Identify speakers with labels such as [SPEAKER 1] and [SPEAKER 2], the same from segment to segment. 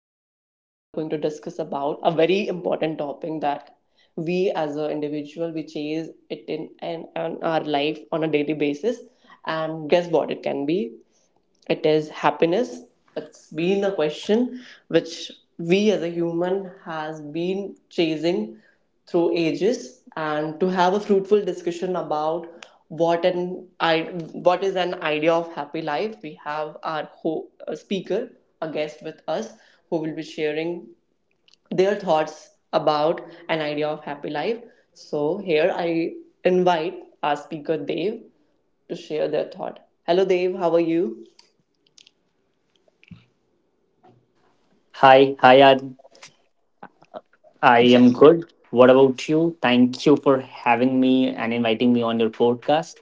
[SPEAKER 1] Today we are going to discuss about a very important topic that we as an individual we chase it in our life on a daily basis, and guess what it can be? It is happiness. It's been a question which we as a human has been chasing through ages. And to have a fruitful discussion about what an I, what is an idea of happy life, we have a speaker, a guest with us who will be sharing their thoughts about an idea of happy life. So here I invite our speaker Dev to share their thought. Hello Dev, how are you?
[SPEAKER 2] Hi, Ad. I
[SPEAKER 1] Yeah.
[SPEAKER 2] am good. What about you? Thank you for having me and inviting me on your podcast.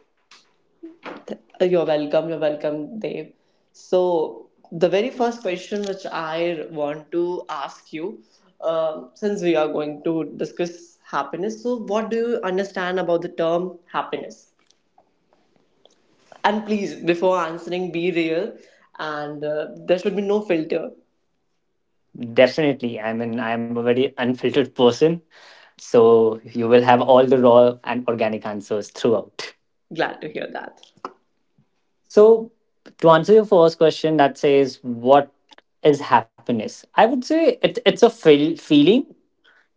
[SPEAKER 1] You're welcome. You're welcome, Dave. So, the very first question which I want to ask you, since we are going to discuss happiness, so what do you understand about the term happiness? And please, before answering, be real, and there should be no filter.
[SPEAKER 2] Definitely, I mean, I am a very unfiltered person, so you will have all the raw and organic answers throughout.
[SPEAKER 1] Glad to hear that.
[SPEAKER 2] So, to answer your first question, that says, what is happiness? I would say it's a feeling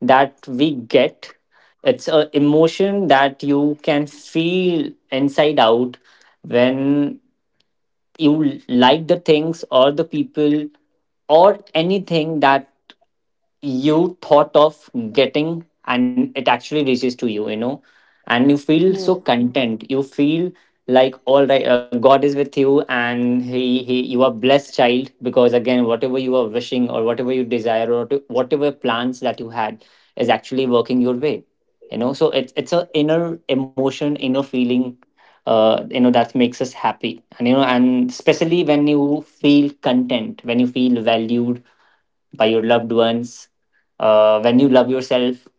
[SPEAKER 2] that we get. It's an emotion that you can feel inside out when you like the things or the people or anything that you thought of getting, and it actually reaches to you you know And you feel so content. You feel like all right, God is with you, and he you are blessed child, because again, whatever you are wishing or whatever you desire or whatever plans that you had is actually working your way, you know. So it's a inner emotion, inner feeling, that makes us happy. And you know, and especially when you feel content, when you feel valued by your loved ones, when you love yourself.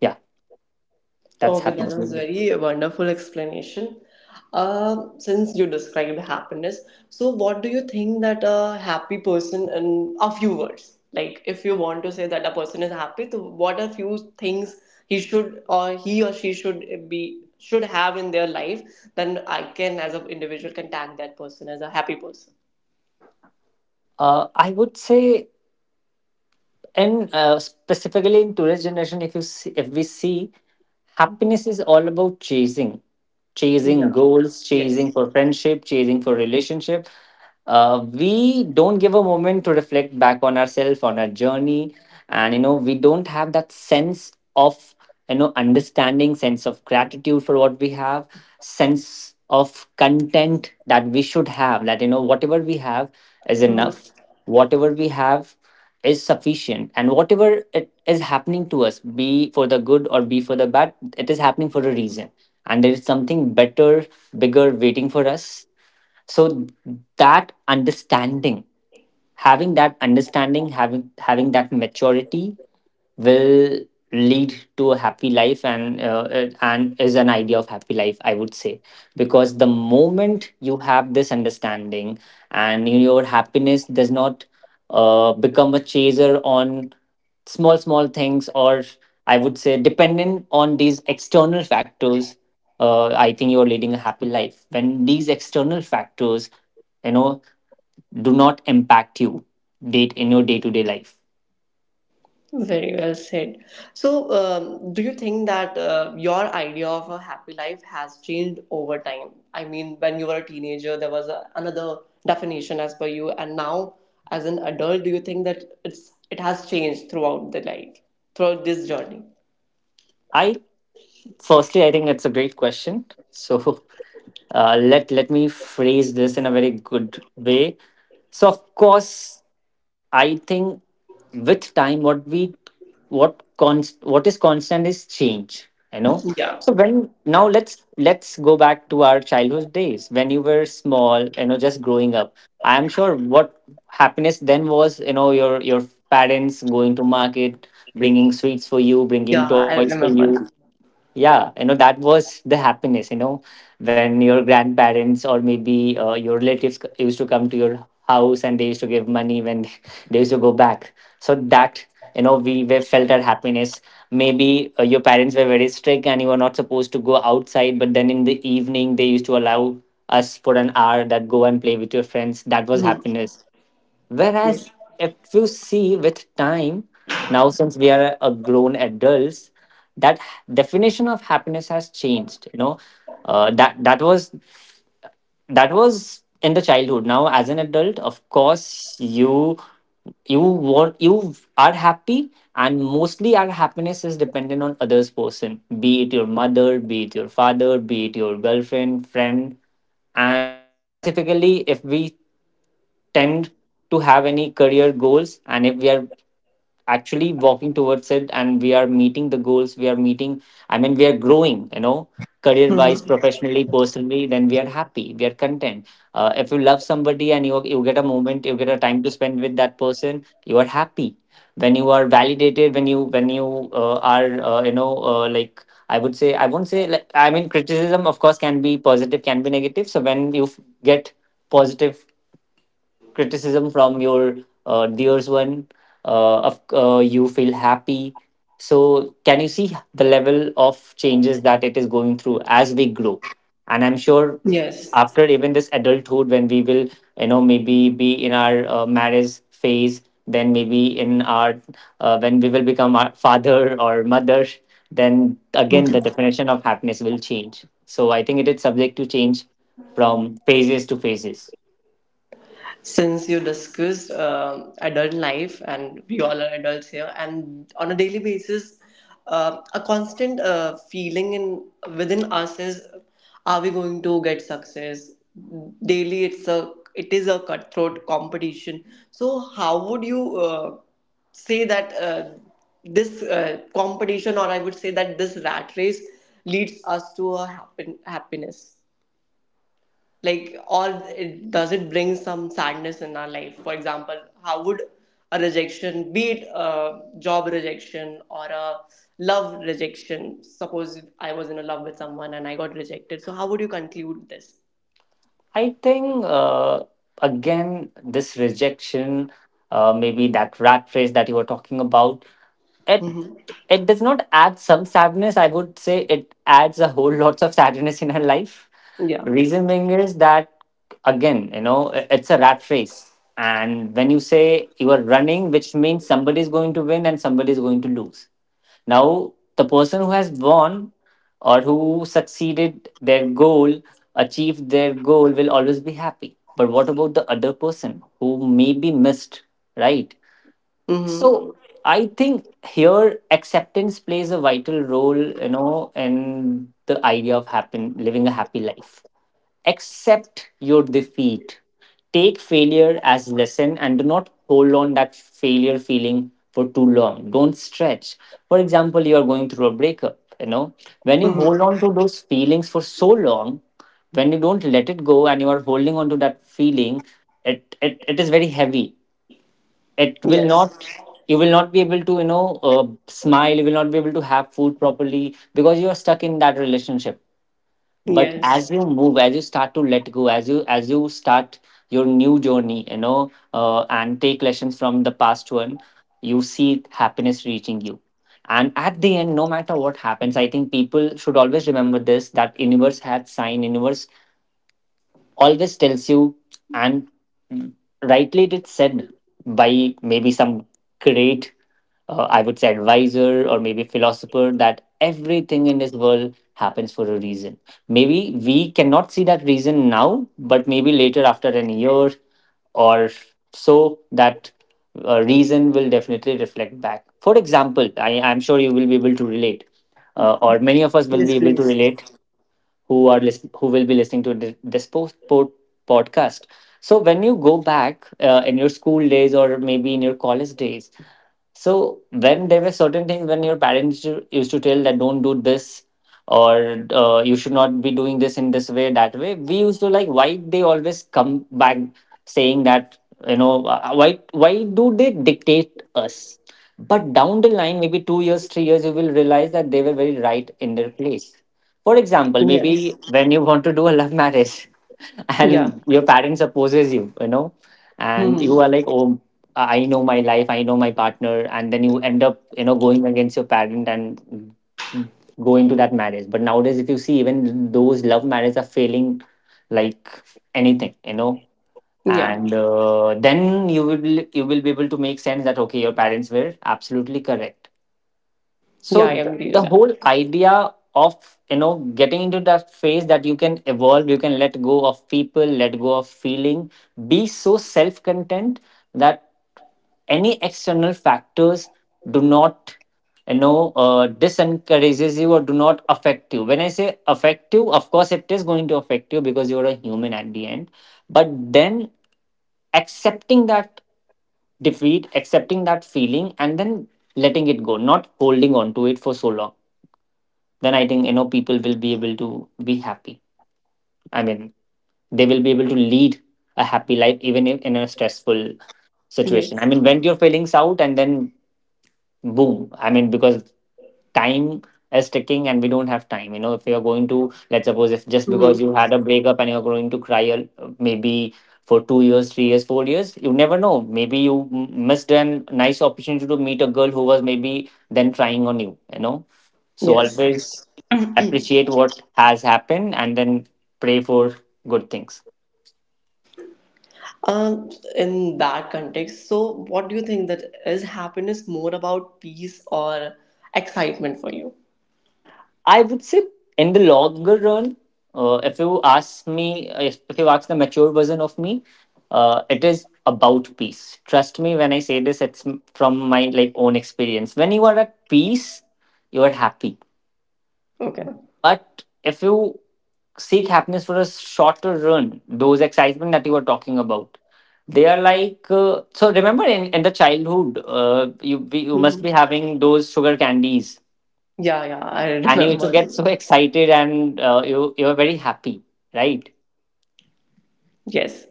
[SPEAKER 2] Yeah,
[SPEAKER 1] Oh,
[SPEAKER 2] that's
[SPEAKER 1] okay, that
[SPEAKER 2] happiness.
[SPEAKER 1] was very wonderful explanation. Since you described happiness, so what do you think that a happy person in a few words? Like, if you want to say that a person is happy, so what are few things he should or he or she should have in their life? Then I can, as an individual, can tag that person as a happy person.
[SPEAKER 2] I would say, and specifically in today's generation, if you see, if we see, happiness is all about chasing
[SPEAKER 1] Yeah.
[SPEAKER 2] goals,
[SPEAKER 1] Yes.
[SPEAKER 2] chasing for friendship, chasing for relationship. We don't give a moment to reflect back on ourselves, on our journey. And you know, we don't have that sense of, you know, understanding, sense of gratitude for what we have, sense of content that we should have, that you know, whatever we have is enough, whatever we have is sufficient. And whatever it is happening to us, be for the good or be for the bad, it is happening for a reason, and there is something better, bigger waiting for us. So that understanding, having that understanding, having that maturity will lead to a happy life. And and is an idea of happy life, I would say, because the moment you have this understanding, and your happiness does not become a chaser on small things, or I would say, dependent on these external factors. I think you're leading a happy life when these external factors, you know, do not impact you date in your day-to-day life.
[SPEAKER 1] Very well said. So, do you think that your idea of a happy life has changed over time? I mean, when you were a teenager, there was another definition as per you, and now as an adult, do you think that it has changed throughout the life, throughout this journey?
[SPEAKER 2] I firstly I think it's a great question. So let me phrase this in a very good way. So of course, I think with time, what we, what is constant is change, you know.
[SPEAKER 1] Yeah,
[SPEAKER 2] So when, now let's go back to our childhood days, when you were small, you know, just growing up, I am sure what happiness then was, you know, your parents going to market, bringing sweets for you, bringing
[SPEAKER 1] yeah,
[SPEAKER 2] toys
[SPEAKER 1] I
[SPEAKER 2] for you.
[SPEAKER 1] remember that.
[SPEAKER 2] Yeah, you know, that was the happiness, you know, when your grandparents or maybe your relatives used to come to your house and they used to give money when they used to go back. So that, you know, we felt our happiness. Maybe your parents were very strict and you were not supposed to go outside, but then in the evening, they used to allow us for an hour, that go and play with your friends. That was
[SPEAKER 1] Mhm.
[SPEAKER 2] happiness. Whereas if you see with time, now since we are a grown adults, that definition of happiness has changed. You know, that was that was in the childhood. Now, as an adult, of course, you want, you are happy, and mostly our happiness is dependent on others' person, be it your mother, be it your father, be it your girlfriend, friend. And specifically, if we tend to have any career goals, and if we are actually walking towards it, and we are meeting the goals, we are meeting I mean, we are growing, you know, career
[SPEAKER 1] Mhm.
[SPEAKER 2] wise, professionally, personally, then we are happy, we are content. If you love somebody, and you get a moment, you get a time to spend with that person, you are happy. When you are validated, when you are you know like, I would say, I won't say, like, I mean, criticism, of course, can be positive, can be negative. So when you get positive criticism from your dears one, you feel happy. So can you see the level of changes that it is going through as we grow? And I'm sure
[SPEAKER 1] Yes.
[SPEAKER 2] after even this adulthood, when we will, you know, maybe be in our marriage phase, then maybe in our when we will become our father or mother, then again the
[SPEAKER 1] Mm-hmm.
[SPEAKER 2] definition of happiness will change. So I think it is subject to change from phases to phases.
[SPEAKER 1] Since you discussed adult life, and we all are adults here and on a daily basis, a constant feeling in within us is, are we going to get success? Daily, it is a cutthroat competition. So how would you say that this competition, or I would say that this rat race, leads us to a happiness? Like, or it, does it bring some sadness in our life? For example, how would a rejection, be it a job rejection or a love rejection, suppose I was in a love with someone and I got rejected, so how would you conclude this?
[SPEAKER 2] I think again, this rejection, maybe that rat race that you were talking about, it
[SPEAKER 1] Hmm.
[SPEAKER 2] it does not add some sadness. I would say it adds a whole lots of sadness in her life.
[SPEAKER 1] Yeah.
[SPEAKER 2] Reason being is that, again, you know, it's a rat race, and when you say you are running, which means somebody is going to win and somebody is going to lose. Now, the person who has won or who succeeded their goal, achieved their goal, will always be happy. But what about the other person who may be missed, right?
[SPEAKER 1] Hmm.
[SPEAKER 2] So I think here, acceptance plays a vital role, you know, in the idea of happen living a happy life. Accept your defeat, take failure as lesson, and do not hold on that failure feeling for too long. Don't stretch. For example, you are going through a breakup, you know, when you hold on
[SPEAKER 1] Hmm.
[SPEAKER 2] to those feelings for so long, when you don't let it go, and you are holding on to that feeling, it is very heavy. It will
[SPEAKER 1] Yes.
[SPEAKER 2] not, you will not be able to, you know, smile. You will not be able to have food properly because you are stuck in that relationship. But as
[SPEAKER 1] Yes.
[SPEAKER 2] you move, as you start to let go, as you start your new journey, you know, and take lessons from the past one, you see happiness reaching you. And at the end, no matter what happens, I think people should always remember this, that universe had sign universe always tells you, and rightly it is said by maybe some great, I would say, advisor or maybe philosopher, that everything in this world happens for a reason. Maybe we cannot see that reason now, but maybe later after an year or so, that reason will definitely reflect back. For example, I'm sure you will be able to relate, or many of us will
[SPEAKER 1] Yes,
[SPEAKER 2] be able to
[SPEAKER 1] please.
[SPEAKER 2] relate, who are who will be listening to this podcast. So when you go back in your school days or maybe in your college days, so when there were certain things, when your parents used to tell that don't do this, or you should not be doing this in this way, that way, we used to, like, why they always come back saying that, you know, why do they dictate us? But down the line, maybe 2 years, 3 years, you will realize that they were very right in their place. For example,
[SPEAKER 1] Yes.
[SPEAKER 2] maybe when you want to do a love marriage,
[SPEAKER 1] Yeah.
[SPEAKER 2] and your parents opposes you, you know, and you
[SPEAKER 1] Hmm.
[SPEAKER 2] are like, oh, I know my life, I know my partner. And then you end up, you know, going against your parent and going to that marriage. But nowadays, if you see, even those love marriages are failing, like anything, you know.
[SPEAKER 1] Yeah,
[SPEAKER 2] And then you will be able to make sense that okay, your parents were absolutely correct.
[SPEAKER 1] yeah,
[SPEAKER 2] So
[SPEAKER 1] I agree
[SPEAKER 2] the
[SPEAKER 1] with that.
[SPEAKER 2] whole idea of, you know, getting into that phase that you can evolve, you can let go of people, let go of feeling, be so self-content that any external factors do not, you know, disencourages you, or do not affect you. When I say affect you, of course it is going to affect you because you're a human at the end. But then, accepting that defeat, accepting that feeling, and then letting it go, not holding on to it for so long. Then I think, you know, people will be able to be happy. I mean, they will be able to lead a happy life, even if in a stressful situation. I
[SPEAKER 1] Yes.
[SPEAKER 2] mean, vent your feelings out and then boom. Because time is ticking and we don't have time, you know. If you're going to, let's suppose, if just because you
[SPEAKER 1] Hmm.
[SPEAKER 2] had a breakup and you're going to maybe for 2 years, 3 years, 4 years, you never know. Maybe you missed a nice opportunity to meet a girl who was maybe then trying on you, you know. So
[SPEAKER 1] Yes.
[SPEAKER 2] always appreciate what has happened and then pray for good things.
[SPEAKER 1] Um, in that context, so what do you think, that is happiness more about peace or excitement for you?
[SPEAKER 2] I would say in the longer run, if you ask me, if you ask the mature version of me, it is about peace. Trust me when I say this, it's from my like own experience. When you are at peace, you are happy.
[SPEAKER 1] Okay.
[SPEAKER 2] But if you seek happiness for a shorter run, those excitement that you were talking about, they are like Remember in the childhood, you must
[SPEAKER 1] Mhm.
[SPEAKER 2] be having those sugar candies,
[SPEAKER 1] Yeah, yeah, I
[SPEAKER 2] and you used to
[SPEAKER 1] remember.
[SPEAKER 2] get so excited, and you were very happy, right?
[SPEAKER 1] Yes.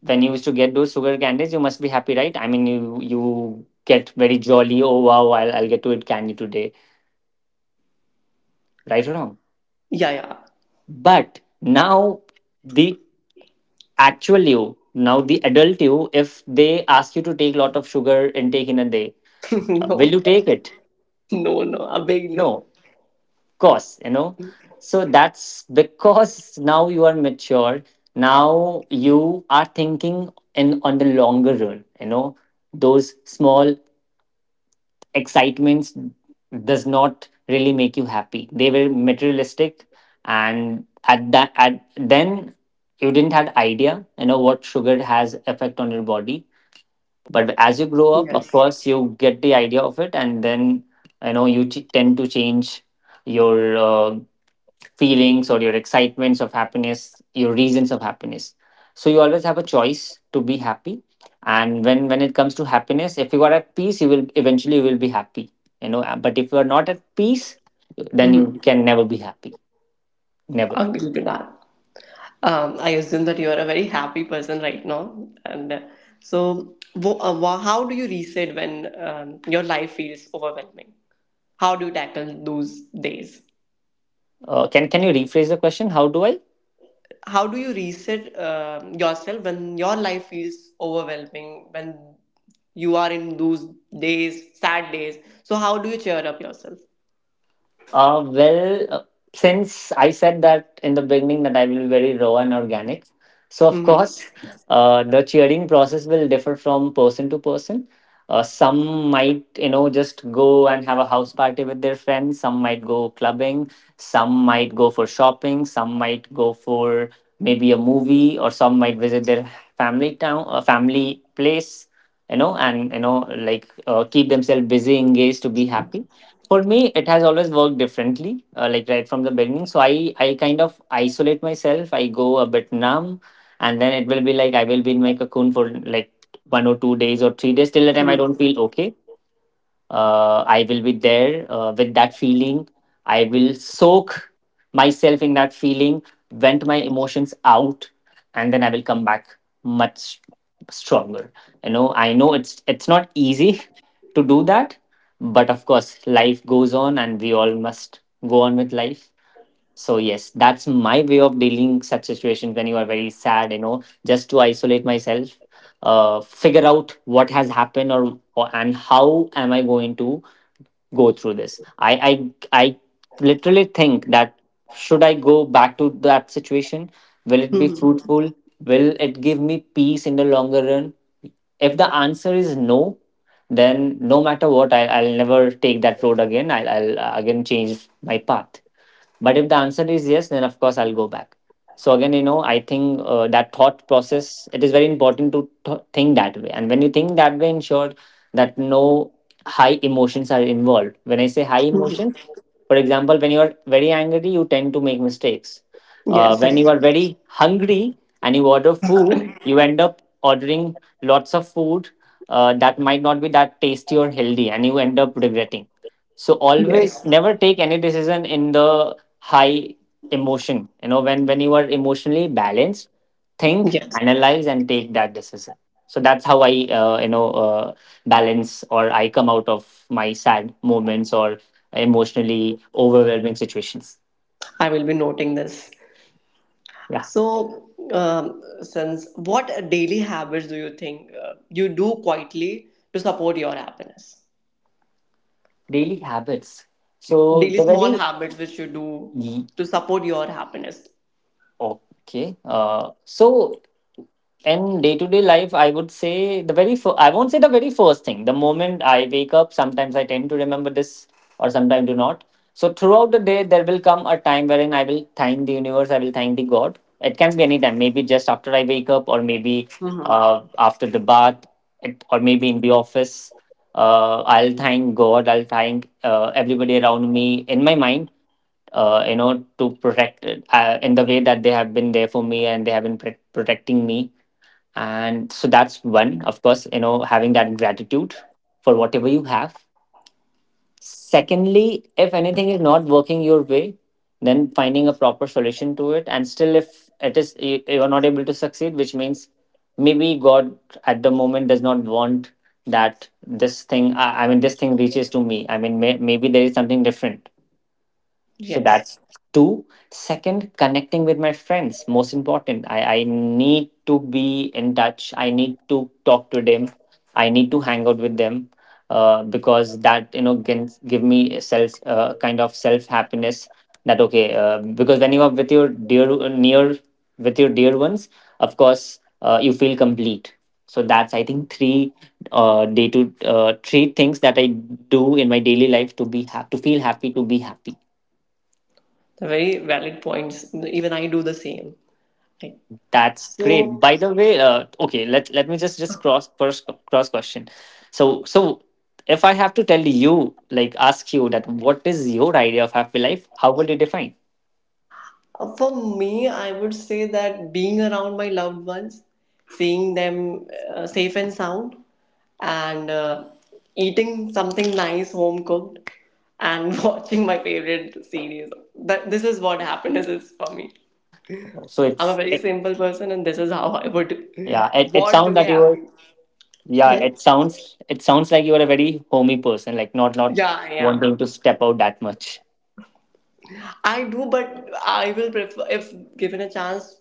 [SPEAKER 2] When you used to get those sugar candies, you must be happy, right? I mean, you get very jolly. Oh wow, I'll get to eat candy today, right or wrong?
[SPEAKER 1] Yeah, yeah.
[SPEAKER 2] But now the actual you, now the adult you, if they ask you to take lot of sugar intake in a day, will
[SPEAKER 1] No,
[SPEAKER 2] you take it?
[SPEAKER 1] no, no, a big
[SPEAKER 2] No,
[SPEAKER 1] no.
[SPEAKER 2] course, you know. So that's because now you are mature, now you are thinking in on the longer run, you know. Those small excitements does not really make you happy. They were materialistic, and at that, at then, you didn't have idea, you know, what sugar has effect on your body. But as you grow up, of
[SPEAKER 1] Yes.
[SPEAKER 2] course, you get the idea of it, and then, you know, you tend to change your feelings or your excitements of happiness, your reasons of happiness. So you always have a choice to be happy. And when it comes to happiness, if you are at peace, you will eventually you will be happy. You know, but if you are not at peace, then
[SPEAKER 1] Mm-hmm.
[SPEAKER 2] you can never be happy. Never.
[SPEAKER 1] Agree to that. I assume that you are a very happy person right now, and so how do you reset when your life feels overwhelming? How do you tackle those days?
[SPEAKER 2] Can you rephrase the question? How do I?
[SPEAKER 1] How do you reset yourself when your life feels overwhelming, when you are in those days, sad days? So how do you cheer up yourself?
[SPEAKER 2] Uh, well, uh, since I said that in the beginning that I will be very raw and organic, so of
[SPEAKER 1] Mm-hmm.
[SPEAKER 2] course, the cheering process will differ from person to person. Some might, you know, just go and have a house party with their friends. Some might go clubbing. Some might go for shopping. Some might go for maybe a movie, or some might visit their family town, family place. You know, and you know, like keep themselves busy, engaged to be happy. For me, it has always worked differently, like right from the beginning. So I kind of isolate myself, I go a bit numb, and then it will be like I will be in my cocoon for like 1 or 2 days or 3 days till the time I don't feel okay. I will be there with that feeling. I will soak myself in that feeling, vent my emotions out, and then I will come back much stronger. You know, I know it's not easy to do that, but of course, life goes on, and we all must go on with life. So yes, that's my way of dealing such situations when you are very sad, you know, just to isolate myself, figure out what has happened, or and how am I going to go through this. I literally think that should I go back to that situation, will it be
[SPEAKER 1] Mm-hmm.
[SPEAKER 2] fruitful, will it give me peace in the longer run? If the answer is no, then no matter what, I'll never take that road again. I'll again change my path. But if the answer is yes, then of course I'll go back. So again, you know, I think that thought process, it is very important to think that way. And when you think that way, ensure that no high emotions are involved. When I say high emotions, for example, when you are very angry, you tend to make mistakes.
[SPEAKER 1] yes I,
[SPEAKER 2] When you are very hungry and you order food, you end up ordering lots of food that might not be that tasty or healthy, and you end up regretting. So always
[SPEAKER 1] yes.
[SPEAKER 2] never take any decision in the high emotion, you know. When you are emotionally balanced, think,
[SPEAKER 1] Yes,
[SPEAKER 2] analyze, and take that decision. So that's how I you know balance or I come out of my sad moments or emotionally overwhelming situations.
[SPEAKER 1] I will be noting this.
[SPEAKER 2] Yeah.
[SPEAKER 1] So since what daily habits do you think you do quietly to support your happiness?
[SPEAKER 2] Daily habits. So
[SPEAKER 1] Daily
[SPEAKER 2] the
[SPEAKER 1] small
[SPEAKER 2] very
[SPEAKER 1] habits which you do
[SPEAKER 2] Ye-
[SPEAKER 1] to support your happiness.
[SPEAKER 2] okay, so in day to day life, I would say the very I won't say the very first thing. The moment I wake up, sometimes I tend to remember this, or sometimes do not. So throughout the day, there will come a time wherein I will thank the universe. I will thank the God. It can be any time. Maybe just after I wake up, or maybe
[SPEAKER 1] Mm-hmm.
[SPEAKER 2] after the bath, it, or maybe in the office. I'll thank God. I'll thank everybody around me in my mind. You know, to protect it, in the way that they have been there for me, and they have been protecting me. And so that's one. Of course, you know, having that gratitude for whatever you have. Secondly, if anything is not working your way, then finding a proper solution to it, and still if it is, you are not able to succeed, which means maybe God at the moment does not want that this thing, I mean this thing reaches to me. I mean, maybe there is something different. So
[SPEAKER 1] Yes.
[SPEAKER 2] that's two. Second, connecting with my friends. Most important. I need to be in touch. I need to talk to them. I need to hang out with them. Because that, you know, can give me a self kind of self happiness, that okay, because when you are with your dear near with your dear ones, of course, you feel complete. So that's, I think, three day to three things that I do in my daily life to to feel happy, to be happy.
[SPEAKER 1] They're very valid points. Even I do the same. Right.
[SPEAKER 2] That's great.
[SPEAKER 1] So
[SPEAKER 2] By the way, okay, let me just cross, first cross question. So, so, if I have to tell you, like ask you, that what is your idea of happy life, how would you define?
[SPEAKER 1] for me, I would say that being around my loved ones, seeing them safe and sound, and eating something nice, home cooked, and watching my favorite series. That this is what happiness is for me.
[SPEAKER 2] So
[SPEAKER 1] I'm a very simple person, and this is how I would
[SPEAKER 2] yeah, it
[SPEAKER 1] want to
[SPEAKER 2] sounds
[SPEAKER 1] be
[SPEAKER 2] that you were,
[SPEAKER 1] happy.
[SPEAKER 2] yeah,
[SPEAKER 1] Yes.
[SPEAKER 2] it sounds, it sounds like you are a very homey person, like not
[SPEAKER 1] Yeah, I
[SPEAKER 2] wanting
[SPEAKER 1] am.
[SPEAKER 2] to step out that much.
[SPEAKER 1] I do, but I will prefer if given a chance,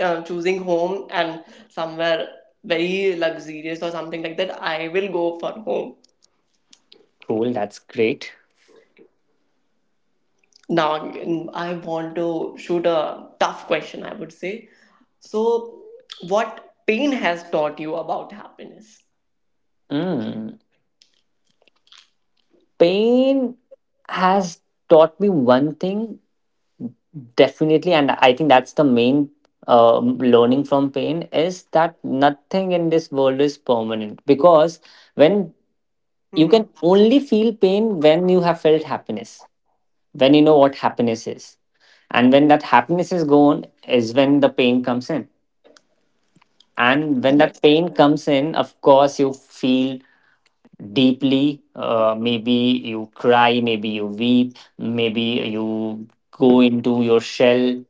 [SPEAKER 1] choosing home and somewhere very luxurious or something like that, I will go for home.
[SPEAKER 2] Cool, that's great.
[SPEAKER 1] Now, I want to shoot a tough question, I would say. So, what pain has taught you about happiness?
[SPEAKER 2] Mm. Pain has taught me one thing definitely, and I think that's the main learning from pain, is that nothing in this world is permanent. Because when you can
[SPEAKER 1] Hmm.
[SPEAKER 2] only feel pain when you have felt happiness, when you know what happiness is, and when that happiness is gone, is when the pain comes in. And when
[SPEAKER 1] Yes,
[SPEAKER 2] that pain comes in, of course, you feel deeply. Maybe you cry, maybe you weep, maybe you go into your shell.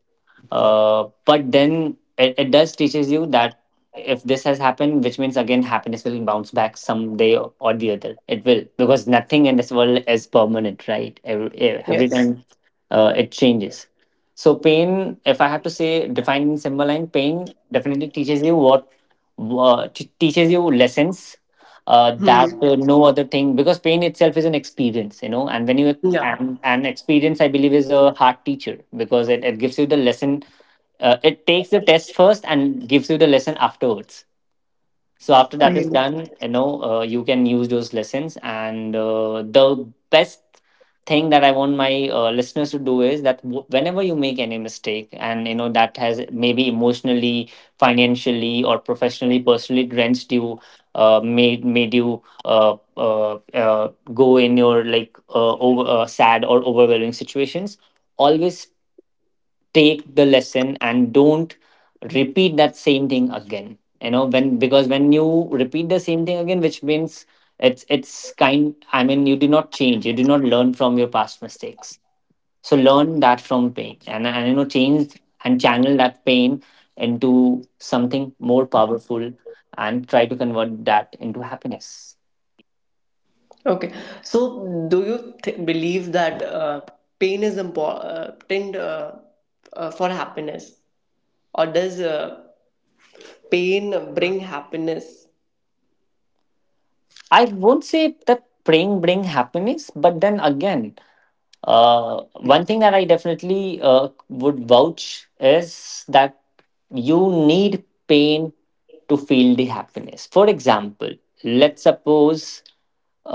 [SPEAKER 2] But then it does teaches you that if this has happened, which means again happiness will bounce back someday or the other. It will, because nothing in this world is permanent, right? Every
[SPEAKER 1] yes.
[SPEAKER 2] time it changes. So pain, if I have to say, define in simple line, pain definitely teaches you what teaches you lessons that
[SPEAKER 1] Hmm.
[SPEAKER 2] no other thing, because pain itself is an experience, you know. And when you
[SPEAKER 1] Yeah,
[SPEAKER 2] and experience, I believe, is a hard teacher, because it gives you the lesson. It takes the test first and gives you the lesson afterwards. So after
[SPEAKER 1] I
[SPEAKER 2] that
[SPEAKER 1] get
[SPEAKER 2] is
[SPEAKER 1] it.
[SPEAKER 2] done, you know, you can use those lessons. And the best thing that I want my listeners to do is that whenever you make any mistake, and you know that has maybe emotionally, financially, or professionally, personally drenched you, made you go in your like over sad or overwhelming situations, always take the lesson and don't repeat that same thing again. You know when, because when you repeat the same thing again, which means it's kind, I mean you did not change, you did not learn from your past mistakes. So learn that from pain, and you know change and channel that pain into something more powerful, and try to convert that into happiness.
[SPEAKER 1] Okay. So, do you believe that pain is important for happiness, or does pain bring happiness?
[SPEAKER 2] I won't say that praying bring happiness, but then again, one thing that I definitely would vouch is that you need pain to feel the happiness. For example, let's suppose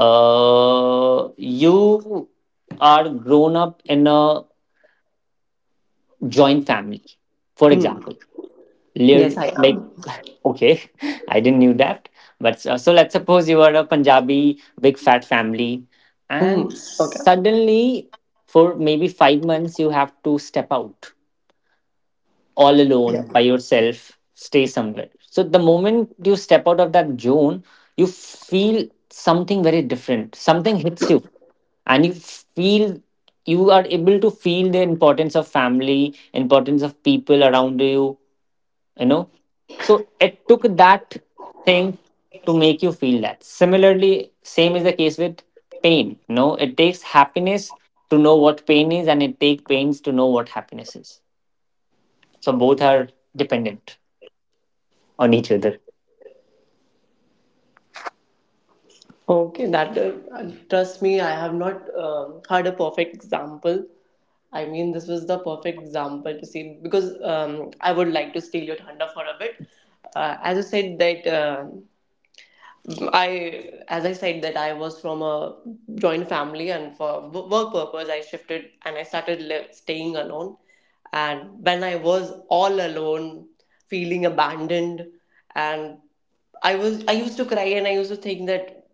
[SPEAKER 2] you are grown up in a joint family, for
[SPEAKER 1] Hmm.
[SPEAKER 2] example.
[SPEAKER 1] Yes, I
[SPEAKER 2] Like,
[SPEAKER 1] am.
[SPEAKER 2] okay, I didn't knew that, but so let's suppose you are a Punjabi big fat family,
[SPEAKER 1] Mhm.
[SPEAKER 2] and
[SPEAKER 1] Okay.
[SPEAKER 2] suddenly for maybe 5 months you have to step out all alone by yourself, stay somewhere. So the moment you step out of that zone, you feel something very different, something hits you, and you feel you are able to feel the importance of family, importance of people around you you know So it took that thing to make you feel that. Similarly, same is the case with pain. No, it takes happiness to know what pain is, and it takes pains to know what happiness is. So both are dependent on each other.
[SPEAKER 1] Okay, that trust me, I have not had a perfect example. I mean, this was the perfect example to see, because I would like to steal your thunder for a bit. As you said that. I, as I said, that I was from a joint family, and for work purpose, I shifted and I started staying alone. And when I was all alone, feeling abandoned, and I used to cry and I used to think that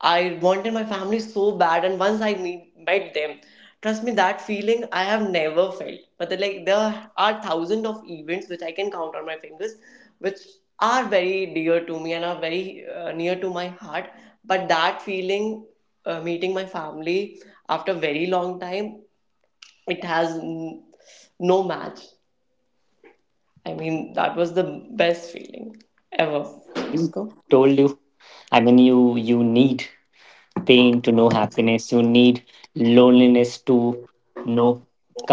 [SPEAKER 1] I wanted my family so bad, and once met them, trust me, that feeling I have never felt. But then, like there are thousands of events which I can count on my fingers, which are very dear to me and are very near to my heart. But that feeling, meeting my family after a very long time, it has n- no match. I mean, that was the best feeling ever. Let's
[SPEAKER 2] Mm.
[SPEAKER 1] go.
[SPEAKER 2] Told you, I mean, you need pain to know happiness, you need loneliness to know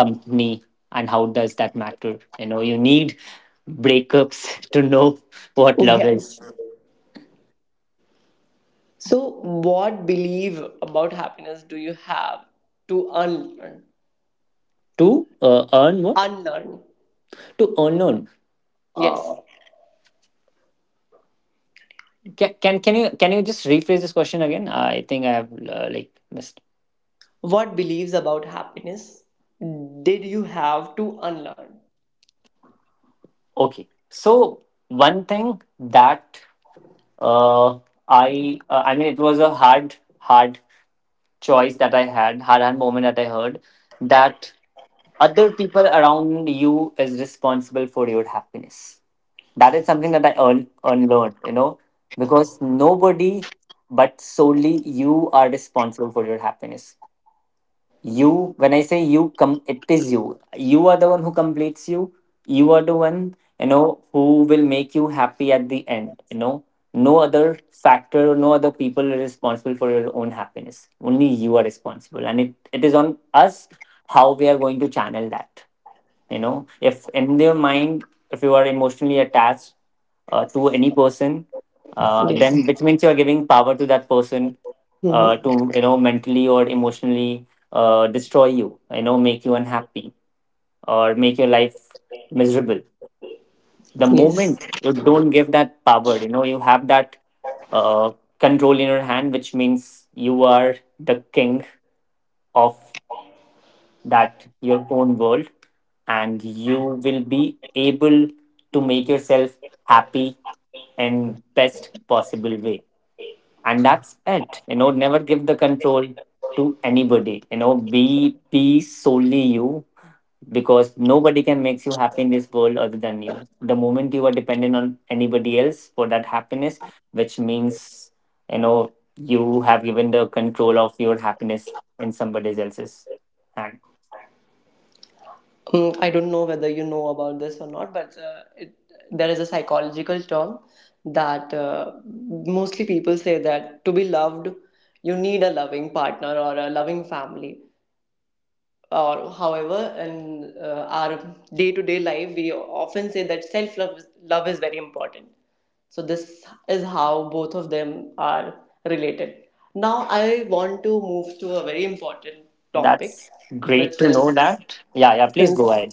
[SPEAKER 2] company. And how does that matter? You need breakups to know what love is.
[SPEAKER 1] Yes. So, what belief about happiness do you have to unlearn?
[SPEAKER 2] To earn what?
[SPEAKER 1] Unlearn.
[SPEAKER 2] To earn on, uh,
[SPEAKER 1] Yes.
[SPEAKER 2] can you just rephrase this question again? I think I have like missed.
[SPEAKER 1] What beliefs about happiness did you have to unlearn?
[SPEAKER 2] Okay. So one thing that uh, I mean, it was a hard choice that I had, hard moment that I heard, that other people around you is responsible for your happiness. That is something that I unlearned, because nobody but solely you are responsible for your happiness. You, when I say you come, it is you. You are the one who completes you. You are the one, who will make you happy at the end. No other factor, no other people are responsible for your own happiness. Only you are responsible, and it is on us how we are going to channel that. If in your mind, if you are emotionally attached to any person,
[SPEAKER 1] Yes.
[SPEAKER 2] then which means you are giving power to that person,
[SPEAKER 1] Hmm.
[SPEAKER 2] to, mentally or emotionally, destroy you, you know make you unhappy, or make your life miserable. The
[SPEAKER 1] Yes.
[SPEAKER 2] moment you don't give that power, you have that uh, control in your hand, which means you are the king of that, your own world. And you will be able to make yourself happy in best possible way. And that's it, never give the control to anybody. Be solely you, because nobody can make you happy in this world other than you. The moment you are dependent on anybody else for that happiness, which means, you have given the control of your happiness in somebody else's hand.
[SPEAKER 1] Mm, I don't know whether you know about this or not, but there is a psychological term that mostly people say that to be loved, you need a loving partner or a loving family. Or however, in our day-to-day life, we often say that love is very important. So this is how both of them are related. Now I want to move to a very important topic,
[SPEAKER 2] That's
[SPEAKER 1] which
[SPEAKER 2] great to know
[SPEAKER 1] is,
[SPEAKER 2] that. Yeah, yeah, please go
[SPEAKER 1] since
[SPEAKER 2] ahead.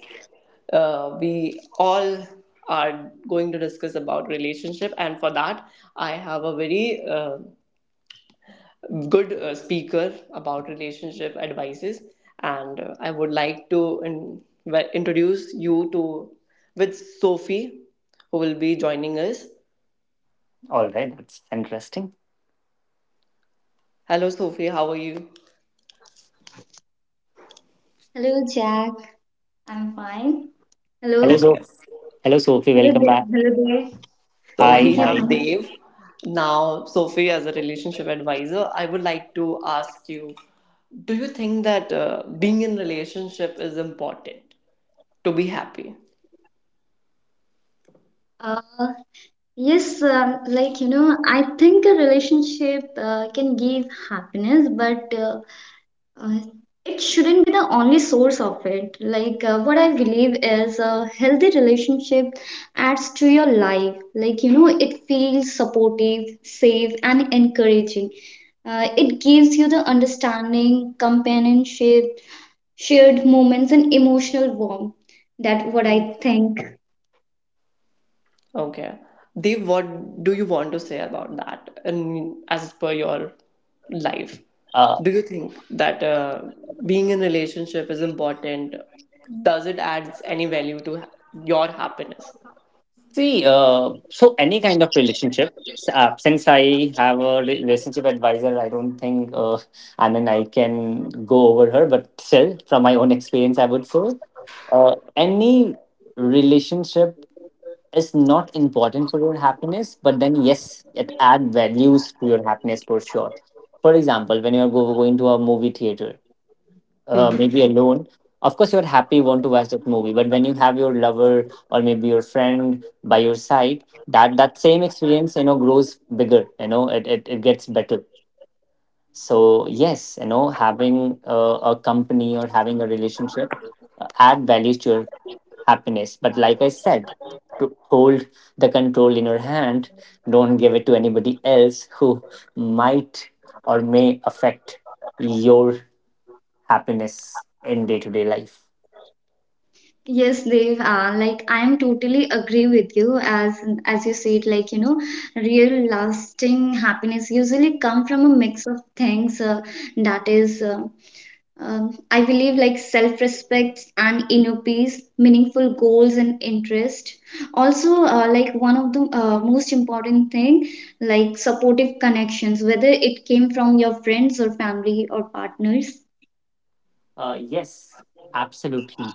[SPEAKER 1] we all are going to discuss about relationship, and for that I have a very good speaker about relationship advices. And I would like to introduce you to with Sophie, who will be joining us.
[SPEAKER 2] All right, that's interesting.
[SPEAKER 1] Hello Sophie, how are you?
[SPEAKER 3] Hello, Jack. I'm fine. Hello.
[SPEAKER 2] Hello,
[SPEAKER 1] Okay.
[SPEAKER 2] so hello, Sophie. Welcome back.
[SPEAKER 3] Hello there.
[SPEAKER 1] So
[SPEAKER 2] Hi,
[SPEAKER 1] we
[SPEAKER 3] Thank you.
[SPEAKER 1] have
[SPEAKER 2] hi.
[SPEAKER 3] Thank you.
[SPEAKER 1] Dave. Now Sophie, as a relationship advisor, I would like to ask you, do you think that being in relationship is important to be happy?
[SPEAKER 3] Uh, yes. I think a relationship can give happiness, but uh, it shouldn't be the only source of it. Like, what I believe is a healthy relationship adds to your life. Like you know, it feels supportive, safe, and encouraging. It gives you the understanding, companionship, shared moments and emotional warmth. That what I think.
[SPEAKER 1] Okay. Dev, what do you want to say about that? And as per your life,
[SPEAKER 2] Uh,
[SPEAKER 1] do you think that being in relationship is important? Does it add any value to your happiness?
[SPEAKER 2] See, so any kind of relationship. Since I have a relationship advisor, I don't think, I mean, I can go over her, but still, from my own experience, I would say any relationship is not important for your happiness, but then yes, it add values to your happiness for sure. For example, when you're going to a movie theater,
[SPEAKER 1] Hmm.
[SPEAKER 2] maybe alone, of course you're happy, you want to watch that movie. But when you have your lover, or maybe your friend by your side, that that same experience, grows bigger. You know, it gets better. So yes, you know, having a company or having a relationship add values to your happiness. But like I said, to hold the control in your hand, don't give it to anybody else who might or may affect your happiness in day to day life.
[SPEAKER 3] Yes, Dev. Like I am totally agree with you. As you said, like you know, real lasting happiness usually come from a mix of things. That is. I believe like self respect and inner peace, meaningful goals and interest. Also, like one of the most important thing, like supportive connections, whether it came from your friends or family or partners.
[SPEAKER 2] Yes, absolutely.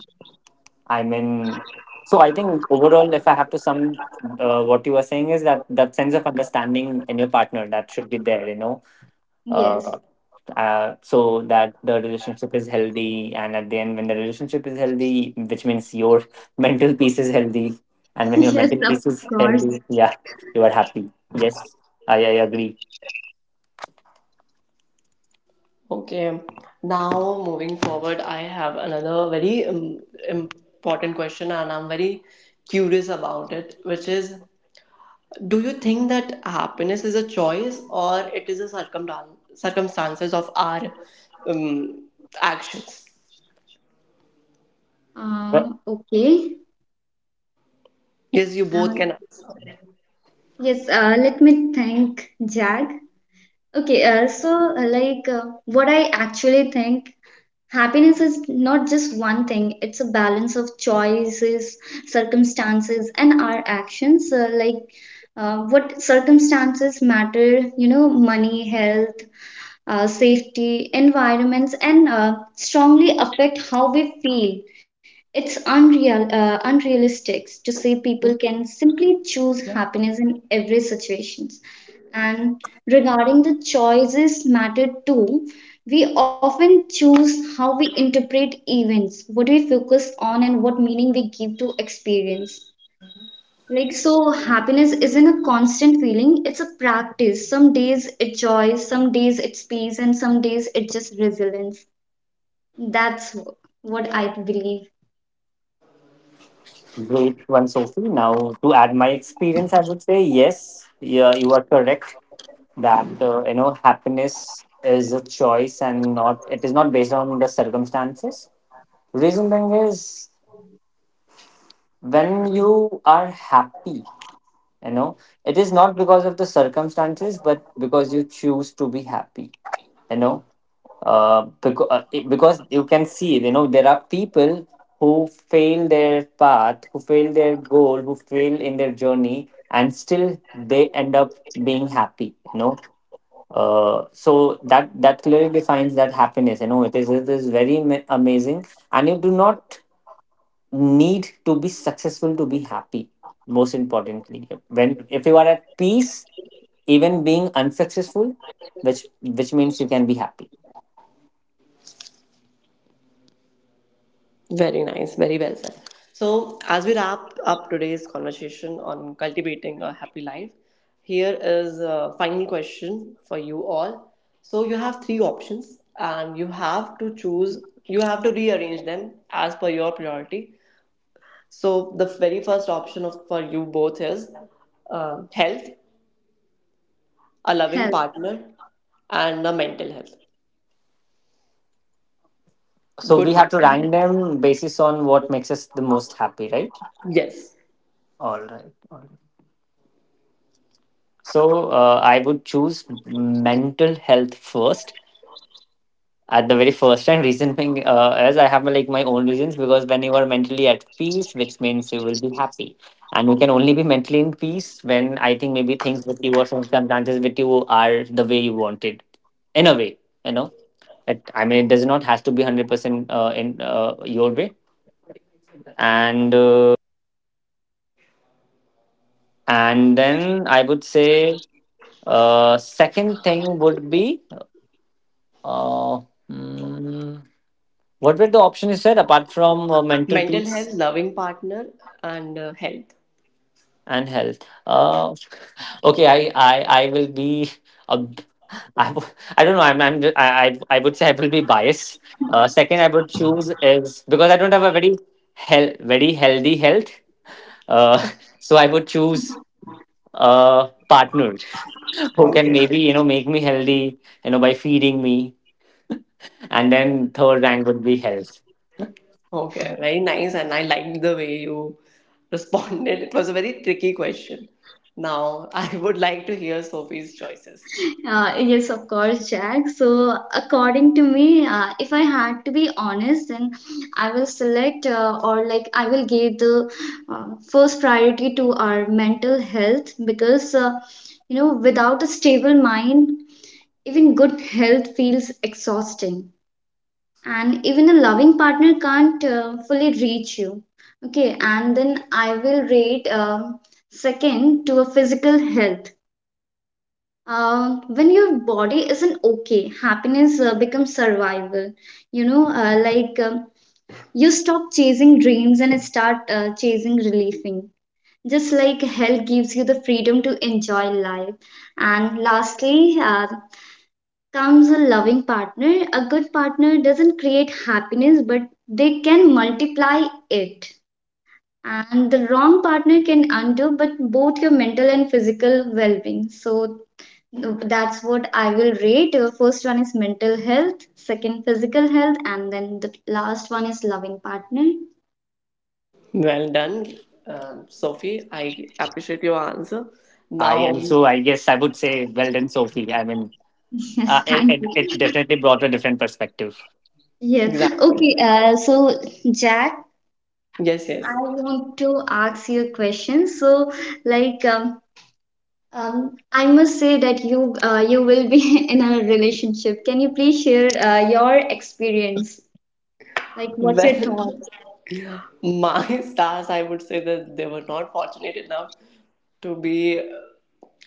[SPEAKER 2] I mean, so I think overall, if I have to sum what you were saying is that that sense of understanding in your partner, that should be there. You know,
[SPEAKER 3] Yes,
[SPEAKER 2] uh, so that the relationship is healthy, and at the end when the relationship is healthy, which means your mental peace is healthy. And when your
[SPEAKER 3] yes,
[SPEAKER 2] mental
[SPEAKER 3] of
[SPEAKER 2] peace is
[SPEAKER 3] course.
[SPEAKER 2] healthy, yeah, you are happy. Yes, I agree.
[SPEAKER 1] Okay. Now, moving forward, I have another very important question, and I'm very curious about it, which is, do you think that happiness is a choice, or it is a circumstances of our um, actions?
[SPEAKER 2] Well,
[SPEAKER 3] Uh, okay.
[SPEAKER 1] Yes, you both
[SPEAKER 3] Uh,
[SPEAKER 1] can answer.
[SPEAKER 3] yes, let me thank Jag. Okay, what I actually think, happiness is not just one thing, it's a balance of choices, circumstances, and our actions. What circumstances matter, you know, money, health, safety, environments, and strongly affect how we feel. It's unrealistic to say people can simply choose happiness in every situations. And regarding the choices matter too, we often choose how we interpret events, what we focus on, and what meaning we give to experience. Like, so happiness isn't a constant feeling, it's a practice. Some days it's joy, some days it's peace, and some days it just resilience. That's what I believe.
[SPEAKER 2] great one, Sophie. Now to add my experience, I would say, yes, yeah, you are correct, that happiness is a choice, and not, it is not based on the circumstances. Reason being is when you are happy, you know, it is not because of the circumstances, but because you choose to be happy. You know, because, because you can see, you know, there are people who fail their path, who fail their goal, who fail in their journey, and still they end up being happy. You know, so that that clearly defines that happiness, you know, it is, it is very amazing. And you do not need to be successful to be happy. Most importantly, when, if you are at peace, even being unsuccessful, which means you can be happy.
[SPEAKER 1] Very nice, very well said. So, as we wrap up today's conversation on cultivating a happy life, here is a final question for you all. So, you have three options and you have to choose, you have to rearrange them as per your priority. So the very first option of for you both is health, a loving
[SPEAKER 3] Hell,
[SPEAKER 1] partner, and a mental health.
[SPEAKER 2] So
[SPEAKER 1] Good
[SPEAKER 2] we have to
[SPEAKER 1] mental.
[SPEAKER 2] rank them basis on what makes us the most happy, right?
[SPEAKER 1] Yes,
[SPEAKER 2] All right, all right. So I would choose mental health first at the very first time. Reason being is I have like my own reasons, because when you are mentally at peace, which means you will be happy. And you can only be mentally in peace when, I think, maybe things with you or some circumstances with you are the way you wanted, in a way, you know. It, I mean, it does not has to be 100% in your way. And and then I would say second thing would be uh, mm, what were the options you said apart from mental
[SPEAKER 1] mental
[SPEAKER 2] peace
[SPEAKER 1] health, loving partner, and health.
[SPEAKER 2] and health. Uh, okay, I will be a b- I don't know. I would say I will be biased. Second, I would choose is because I don't have a very very healthy health. Uh, so I would choose a partner who can
[SPEAKER 1] Okay.
[SPEAKER 2] maybe, make me healthy, you know, by feeding me. And then third rank would be health.
[SPEAKER 1] Okay. Very nice, and I liked the way you responded. It was a very tricky question. Now I would like to hear Sophie's choices.
[SPEAKER 3] yes, of course, Jack. So, according to me, if I had to be honest, then I will select or I will give the uh, first priority to our mental health because, you know, without a stable mind, even good health feels exhausting and even a loving partner can't fully reach you, okay, and then I will rate second to a physical health. When your body isn't okay, happiness becomes survival, you know. Like, you stop chasing dreams and start chasing relieving, just like health gives you the freedom to enjoy life. And lastly, comes a loving partner. A good partner doesn't create happiness, but they can multiply it. And the wrong partner can undo, but both your mental and physical well being. So that's what I will rate. First one is mental health, second, physical health, and then the last one is loving partner.
[SPEAKER 1] Well done, Sophie. I appreciate your answer.
[SPEAKER 2] I
[SPEAKER 1] Now,
[SPEAKER 2] and so I guess I would say well done, Sophie. I mean,
[SPEAKER 3] Yes,
[SPEAKER 2] it,
[SPEAKER 3] thank
[SPEAKER 2] it it
[SPEAKER 3] you.
[SPEAKER 2] definitely brought a different perspective.
[SPEAKER 3] Yes.
[SPEAKER 1] exactly.
[SPEAKER 3] Okay. So, Jack,
[SPEAKER 1] Yes,
[SPEAKER 3] I
[SPEAKER 1] yes.
[SPEAKER 3] want to ask you a question. So, like, um, I must say that you will be in a relationship. Can you please share your experience? Like, what's your
[SPEAKER 1] Well,
[SPEAKER 3] thoughts?
[SPEAKER 1] my stars, I would say that they were not fortunate enough to be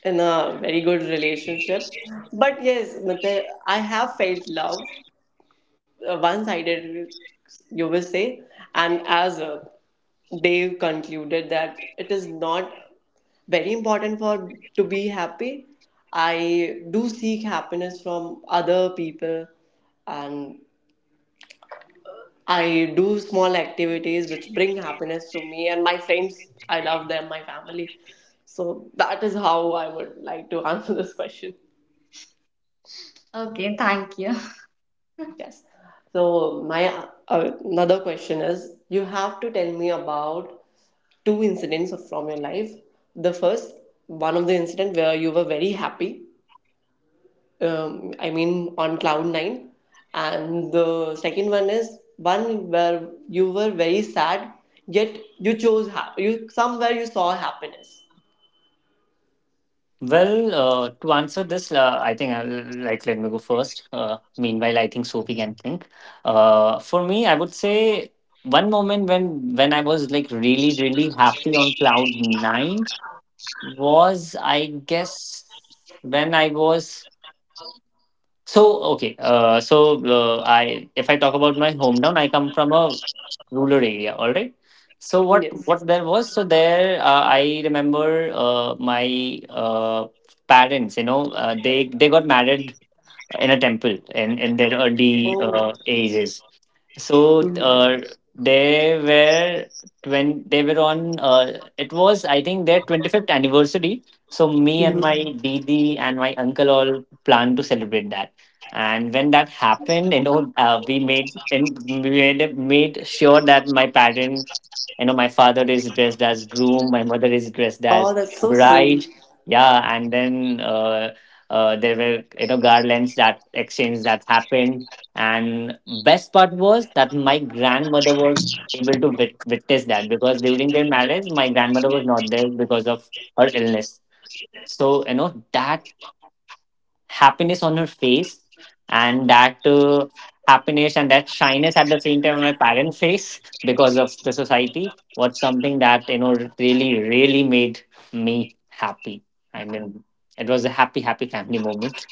[SPEAKER 1] in a very good relationship. But yes, matlab, I have felt love, one sided, you will say. And as they concluded that it is not very important for to be happy, I do seek happiness from other people, and I do small activities which bring happiness to me and my friends. I love them, my family. So that is how I would like to answer this question.
[SPEAKER 3] Okay, thank you.
[SPEAKER 1] Yes. So my another question is, you have to tell me about two incidents from your life. The first one of the incident where you were very happy, I mean, on cloud nine. And the second one is one where you were very sad, yet you chose you somewhere you saw happiness.
[SPEAKER 2] Well, to answer this, I think I'll like let me go first. Meanwhile, I think Sophie can think. For me, I would say one moment when I was like really really happy on cloud nine was, I guess, when I was, so, okay, so I if I talk about my hometown, I come from a rural area. All right. So what
[SPEAKER 1] Yes.
[SPEAKER 2] what there was? So there, I remember my parents. They got married in a temple in their early
[SPEAKER 1] Oh.
[SPEAKER 2] ages. So
[SPEAKER 1] Mhm.
[SPEAKER 2] they were when they were on, it was, I think, their 25th anniversary. So me and
[SPEAKER 1] Mhm.
[SPEAKER 2] my Didi and my uncle all planned to celebrate that. And when that happened, we made sure that my my father is dressed as groom, my mother is dressed
[SPEAKER 1] Oh,
[SPEAKER 2] as
[SPEAKER 1] that's so sweet.
[SPEAKER 2] bride. Yeah, and then there were, garlands that exchange that happened. And best part was that my grandmother was able to witness that, because during their marriage, my grandmother was not there because of her illness. So that happiness on her face, and that happiness and that shyness at the same time on my parents face, because of the society, was something that, you know, really really made me happy. I mean, it was a happy happy family moment.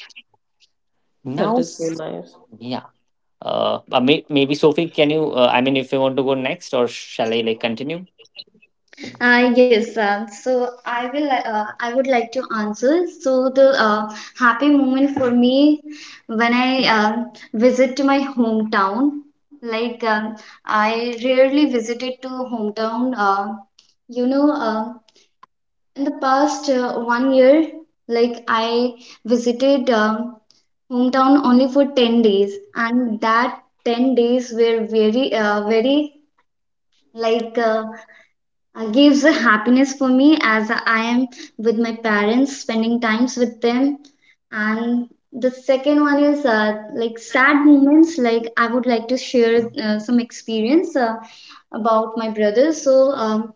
[SPEAKER 2] Now,
[SPEAKER 1] That is so nice.
[SPEAKER 2] yeah. Maybe Sophie, can you, I mean, if you want to go next, or shall I like continue?
[SPEAKER 3] Yes, so I will. I would like to answer. So the happy moment for me when I visit to my hometown. Like, I rarely visited to hometown. You know. Uh, In the past 1 year, like I visited hometown only for 10 days, and that 10 days were very, very like uh, gives a happiness for me as I am with my parents, spending times with them. And the second one is like sad moments, like I would like to share some experience. About my brother. So um,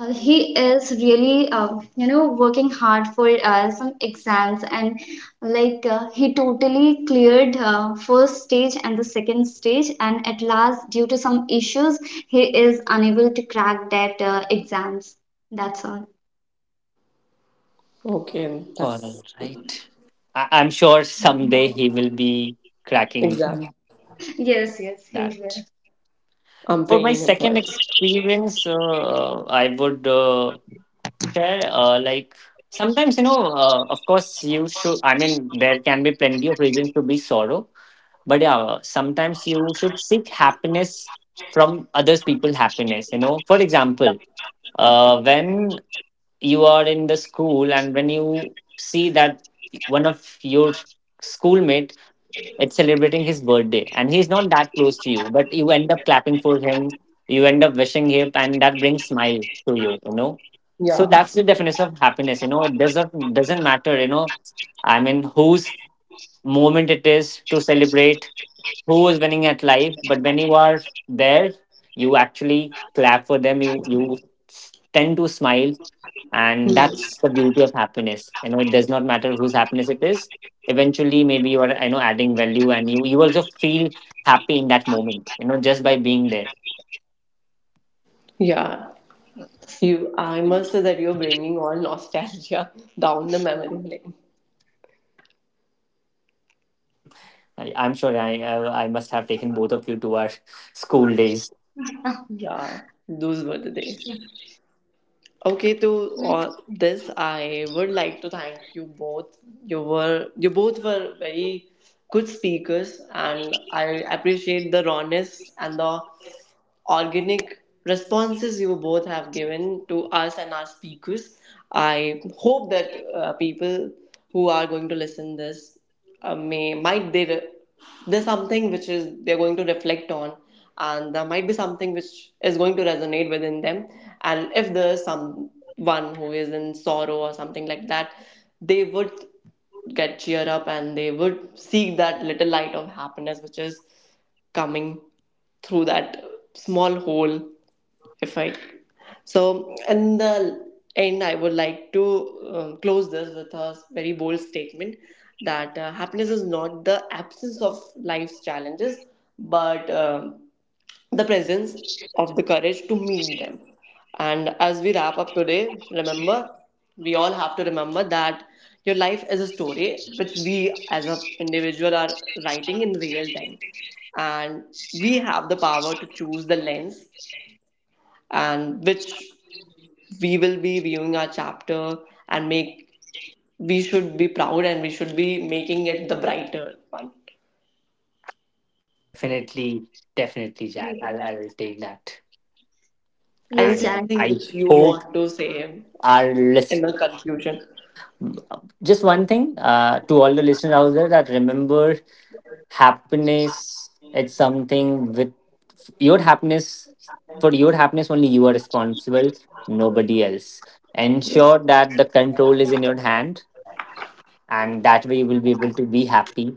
[SPEAKER 3] uh, he is really, working hard for some exams, and he totally cleared first stage and the second stage, and at last, due to some issues, he is unable to crack that exams. That's all.
[SPEAKER 1] Okay,
[SPEAKER 2] All
[SPEAKER 1] that's
[SPEAKER 2] right. I'm sure someday he will be cracking
[SPEAKER 1] exact.
[SPEAKER 3] Yes, yes, he
[SPEAKER 2] that.
[SPEAKER 1] I'm
[SPEAKER 2] For my
[SPEAKER 1] praying for
[SPEAKER 2] second
[SPEAKER 1] it.
[SPEAKER 2] experience, I would share, like sometimes, of course you should, I mean there can be plenty of reasons to be sorrow, but yeah, sometimes you should seek happiness from others people happiness. For example, when you are in the school and when you see that one of your schoolmate it's celebrating his birthday, and he's not that close to you, but you end up clapping for him, you end up wishing him, and that brings smile to you you know So
[SPEAKER 1] Yeah.
[SPEAKER 2] that's the definition of happiness. It doesn't matter. I mean, who's moment it is to celebrate, who is winning at life, but when you are there, you actually clap for them, you tend to smile. And
[SPEAKER 1] Mhm.
[SPEAKER 2] that's the beauty of happiness, it does not matter whose happiness it is. Eventually, maybe you are, I know, adding value, and you also feel happy in that moment, just by being there.
[SPEAKER 1] Yeah. You. I must say that you're bringing all nostalgia down the memory lane.
[SPEAKER 2] I'm sure I must have taken both of you to our school days.
[SPEAKER 3] will.
[SPEAKER 1] Yeah. Those were the days. Okay, to all this, I would like to thank you both. You both were very good speakers, and I appreciate the rawness and the organic responses you both have given to us and our speakers. I hope that people who are going to listen this, may might they there's something which is they're going to reflect on, and there might be something which is going to resonate within them. And if there's someone who is in sorrow or something like that, they would get cheer up, and they would seek that little light of happiness which is coming through that small hole. If I so in the end, I would like to close this with a very bold statement, that happiness is not the absence of life's challenges, but the presence of the courage to meet them. And as we wrap up today, remember, we all have to remember that your life is a story which we as an individual are writing in real time. And we have the power to choose the lens and which we will be viewing our chapter, and make we should be proud and we should be making it the brighter one.
[SPEAKER 2] Definitely, definitely, Jack. I'll take that.
[SPEAKER 3] Yes,
[SPEAKER 1] Anything
[SPEAKER 2] And
[SPEAKER 3] Jack.
[SPEAKER 1] which
[SPEAKER 2] I
[SPEAKER 1] you want to
[SPEAKER 2] hope
[SPEAKER 1] say
[SPEAKER 2] our
[SPEAKER 1] in the
[SPEAKER 2] list.
[SPEAKER 1] conclusion.
[SPEAKER 2] Just one thing, to all the listeners out there, that remember happiness. It's something with your happiness. For your happiness, only you are responsible, nobody else.
[SPEAKER 1] Yes.
[SPEAKER 2] Ensure that the control is in your hand, and that way you will be able to be happy.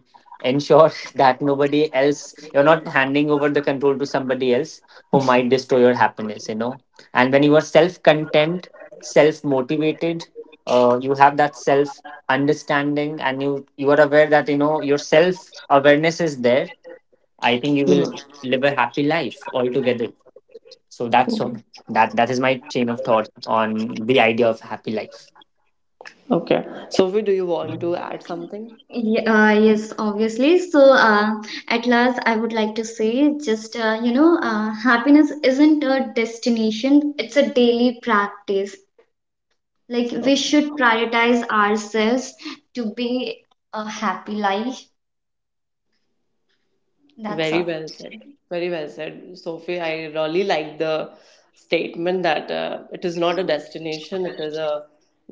[SPEAKER 2] Ensure that nobody else, you're not handing over the control to somebody else who might destroy your happiness. And when you are self content, self motivated, you have that self understanding, and you are aware that your self awareness is there, I think you will
[SPEAKER 1] Mhm.
[SPEAKER 2] live a happy life altogether. So that that is my chain of thought on the idea of happy life.
[SPEAKER 1] Okay. Sophie, do you want to add something?
[SPEAKER 3] Yes, obviously. So, at last, I would like to say just, happiness isn't a destination, it's a daily practice. Like, we
[SPEAKER 1] Okay.
[SPEAKER 3] should prioritize ourselves to be a happy life. That's
[SPEAKER 1] Very
[SPEAKER 3] all.
[SPEAKER 1] well said. Very well said. Sophie, I really like the statement that it is not a destination, it is a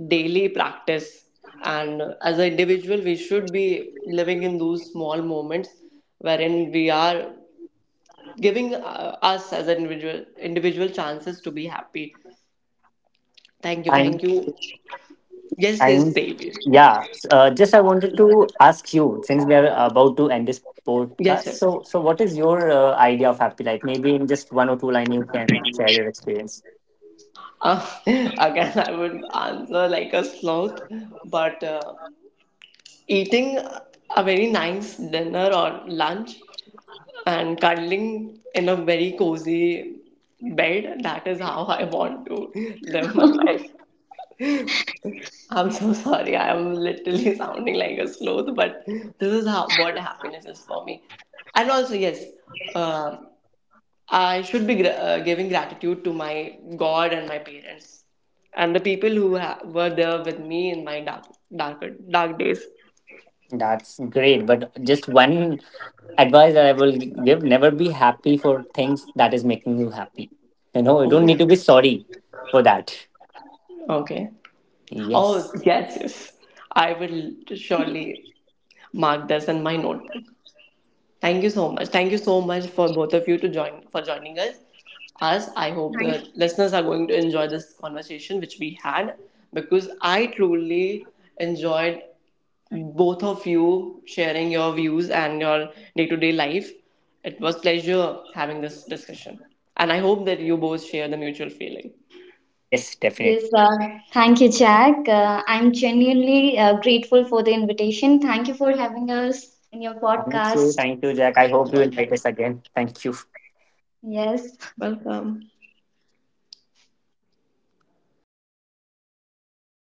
[SPEAKER 1] daily practice. And as an individual, we should be living in those small moments wherein we are giving us as an individual individual chances to be happy. Thank you.
[SPEAKER 2] Thank
[SPEAKER 1] Thank you. Yes, yes,
[SPEAKER 2] time.
[SPEAKER 1] Devi.
[SPEAKER 2] Yeah, just I wanted to ask you, since we are about to end this podcast,
[SPEAKER 1] Yes, yes.
[SPEAKER 2] so what is your idea of happy life? Maybe in just one or two line, you can share your experience.
[SPEAKER 1] Again, I would answer like a sloth, but eating a very nice dinner or lunch and cuddling in a very cozy bed, that is how I want to live my life. I'm so sorry, I am literally sounding like a sloth, but this is how what happiness is for me. And also, yes, uh, I should be giving gratitude to my God and my parents and the people who were there with me in my dark days.
[SPEAKER 2] That's great, but just one advice that I will give, never be happy for things that is making you happy. You know, you don't
[SPEAKER 1] Oh,
[SPEAKER 2] need to be sorry for that.
[SPEAKER 1] okay. Oh,
[SPEAKER 2] Yes.
[SPEAKER 1] yes, yes. I will surely mark this in my notebook. Thank you so much. Thank you so much for both of you to join for joining us. Us, I
[SPEAKER 3] Thank-
[SPEAKER 1] hope the listeners are going to enjoy this conversation which we had, because I truly enjoyed both of you sharing your views and your day to day life. It was a pleasure having this discussion. And I hope that you both share the mutual feeling.
[SPEAKER 2] Yes,
[SPEAKER 3] yes,
[SPEAKER 2] definitely.
[SPEAKER 3] thank you, Jack. I'm genuinely grateful for the invitation. Thank you for having us in your
[SPEAKER 2] Thank you.
[SPEAKER 3] podcast.
[SPEAKER 2] Thank you, Jack. I hope you invite
[SPEAKER 1] Welcome.
[SPEAKER 2] us again. Thank you.
[SPEAKER 3] Yes.
[SPEAKER 1] Welcome.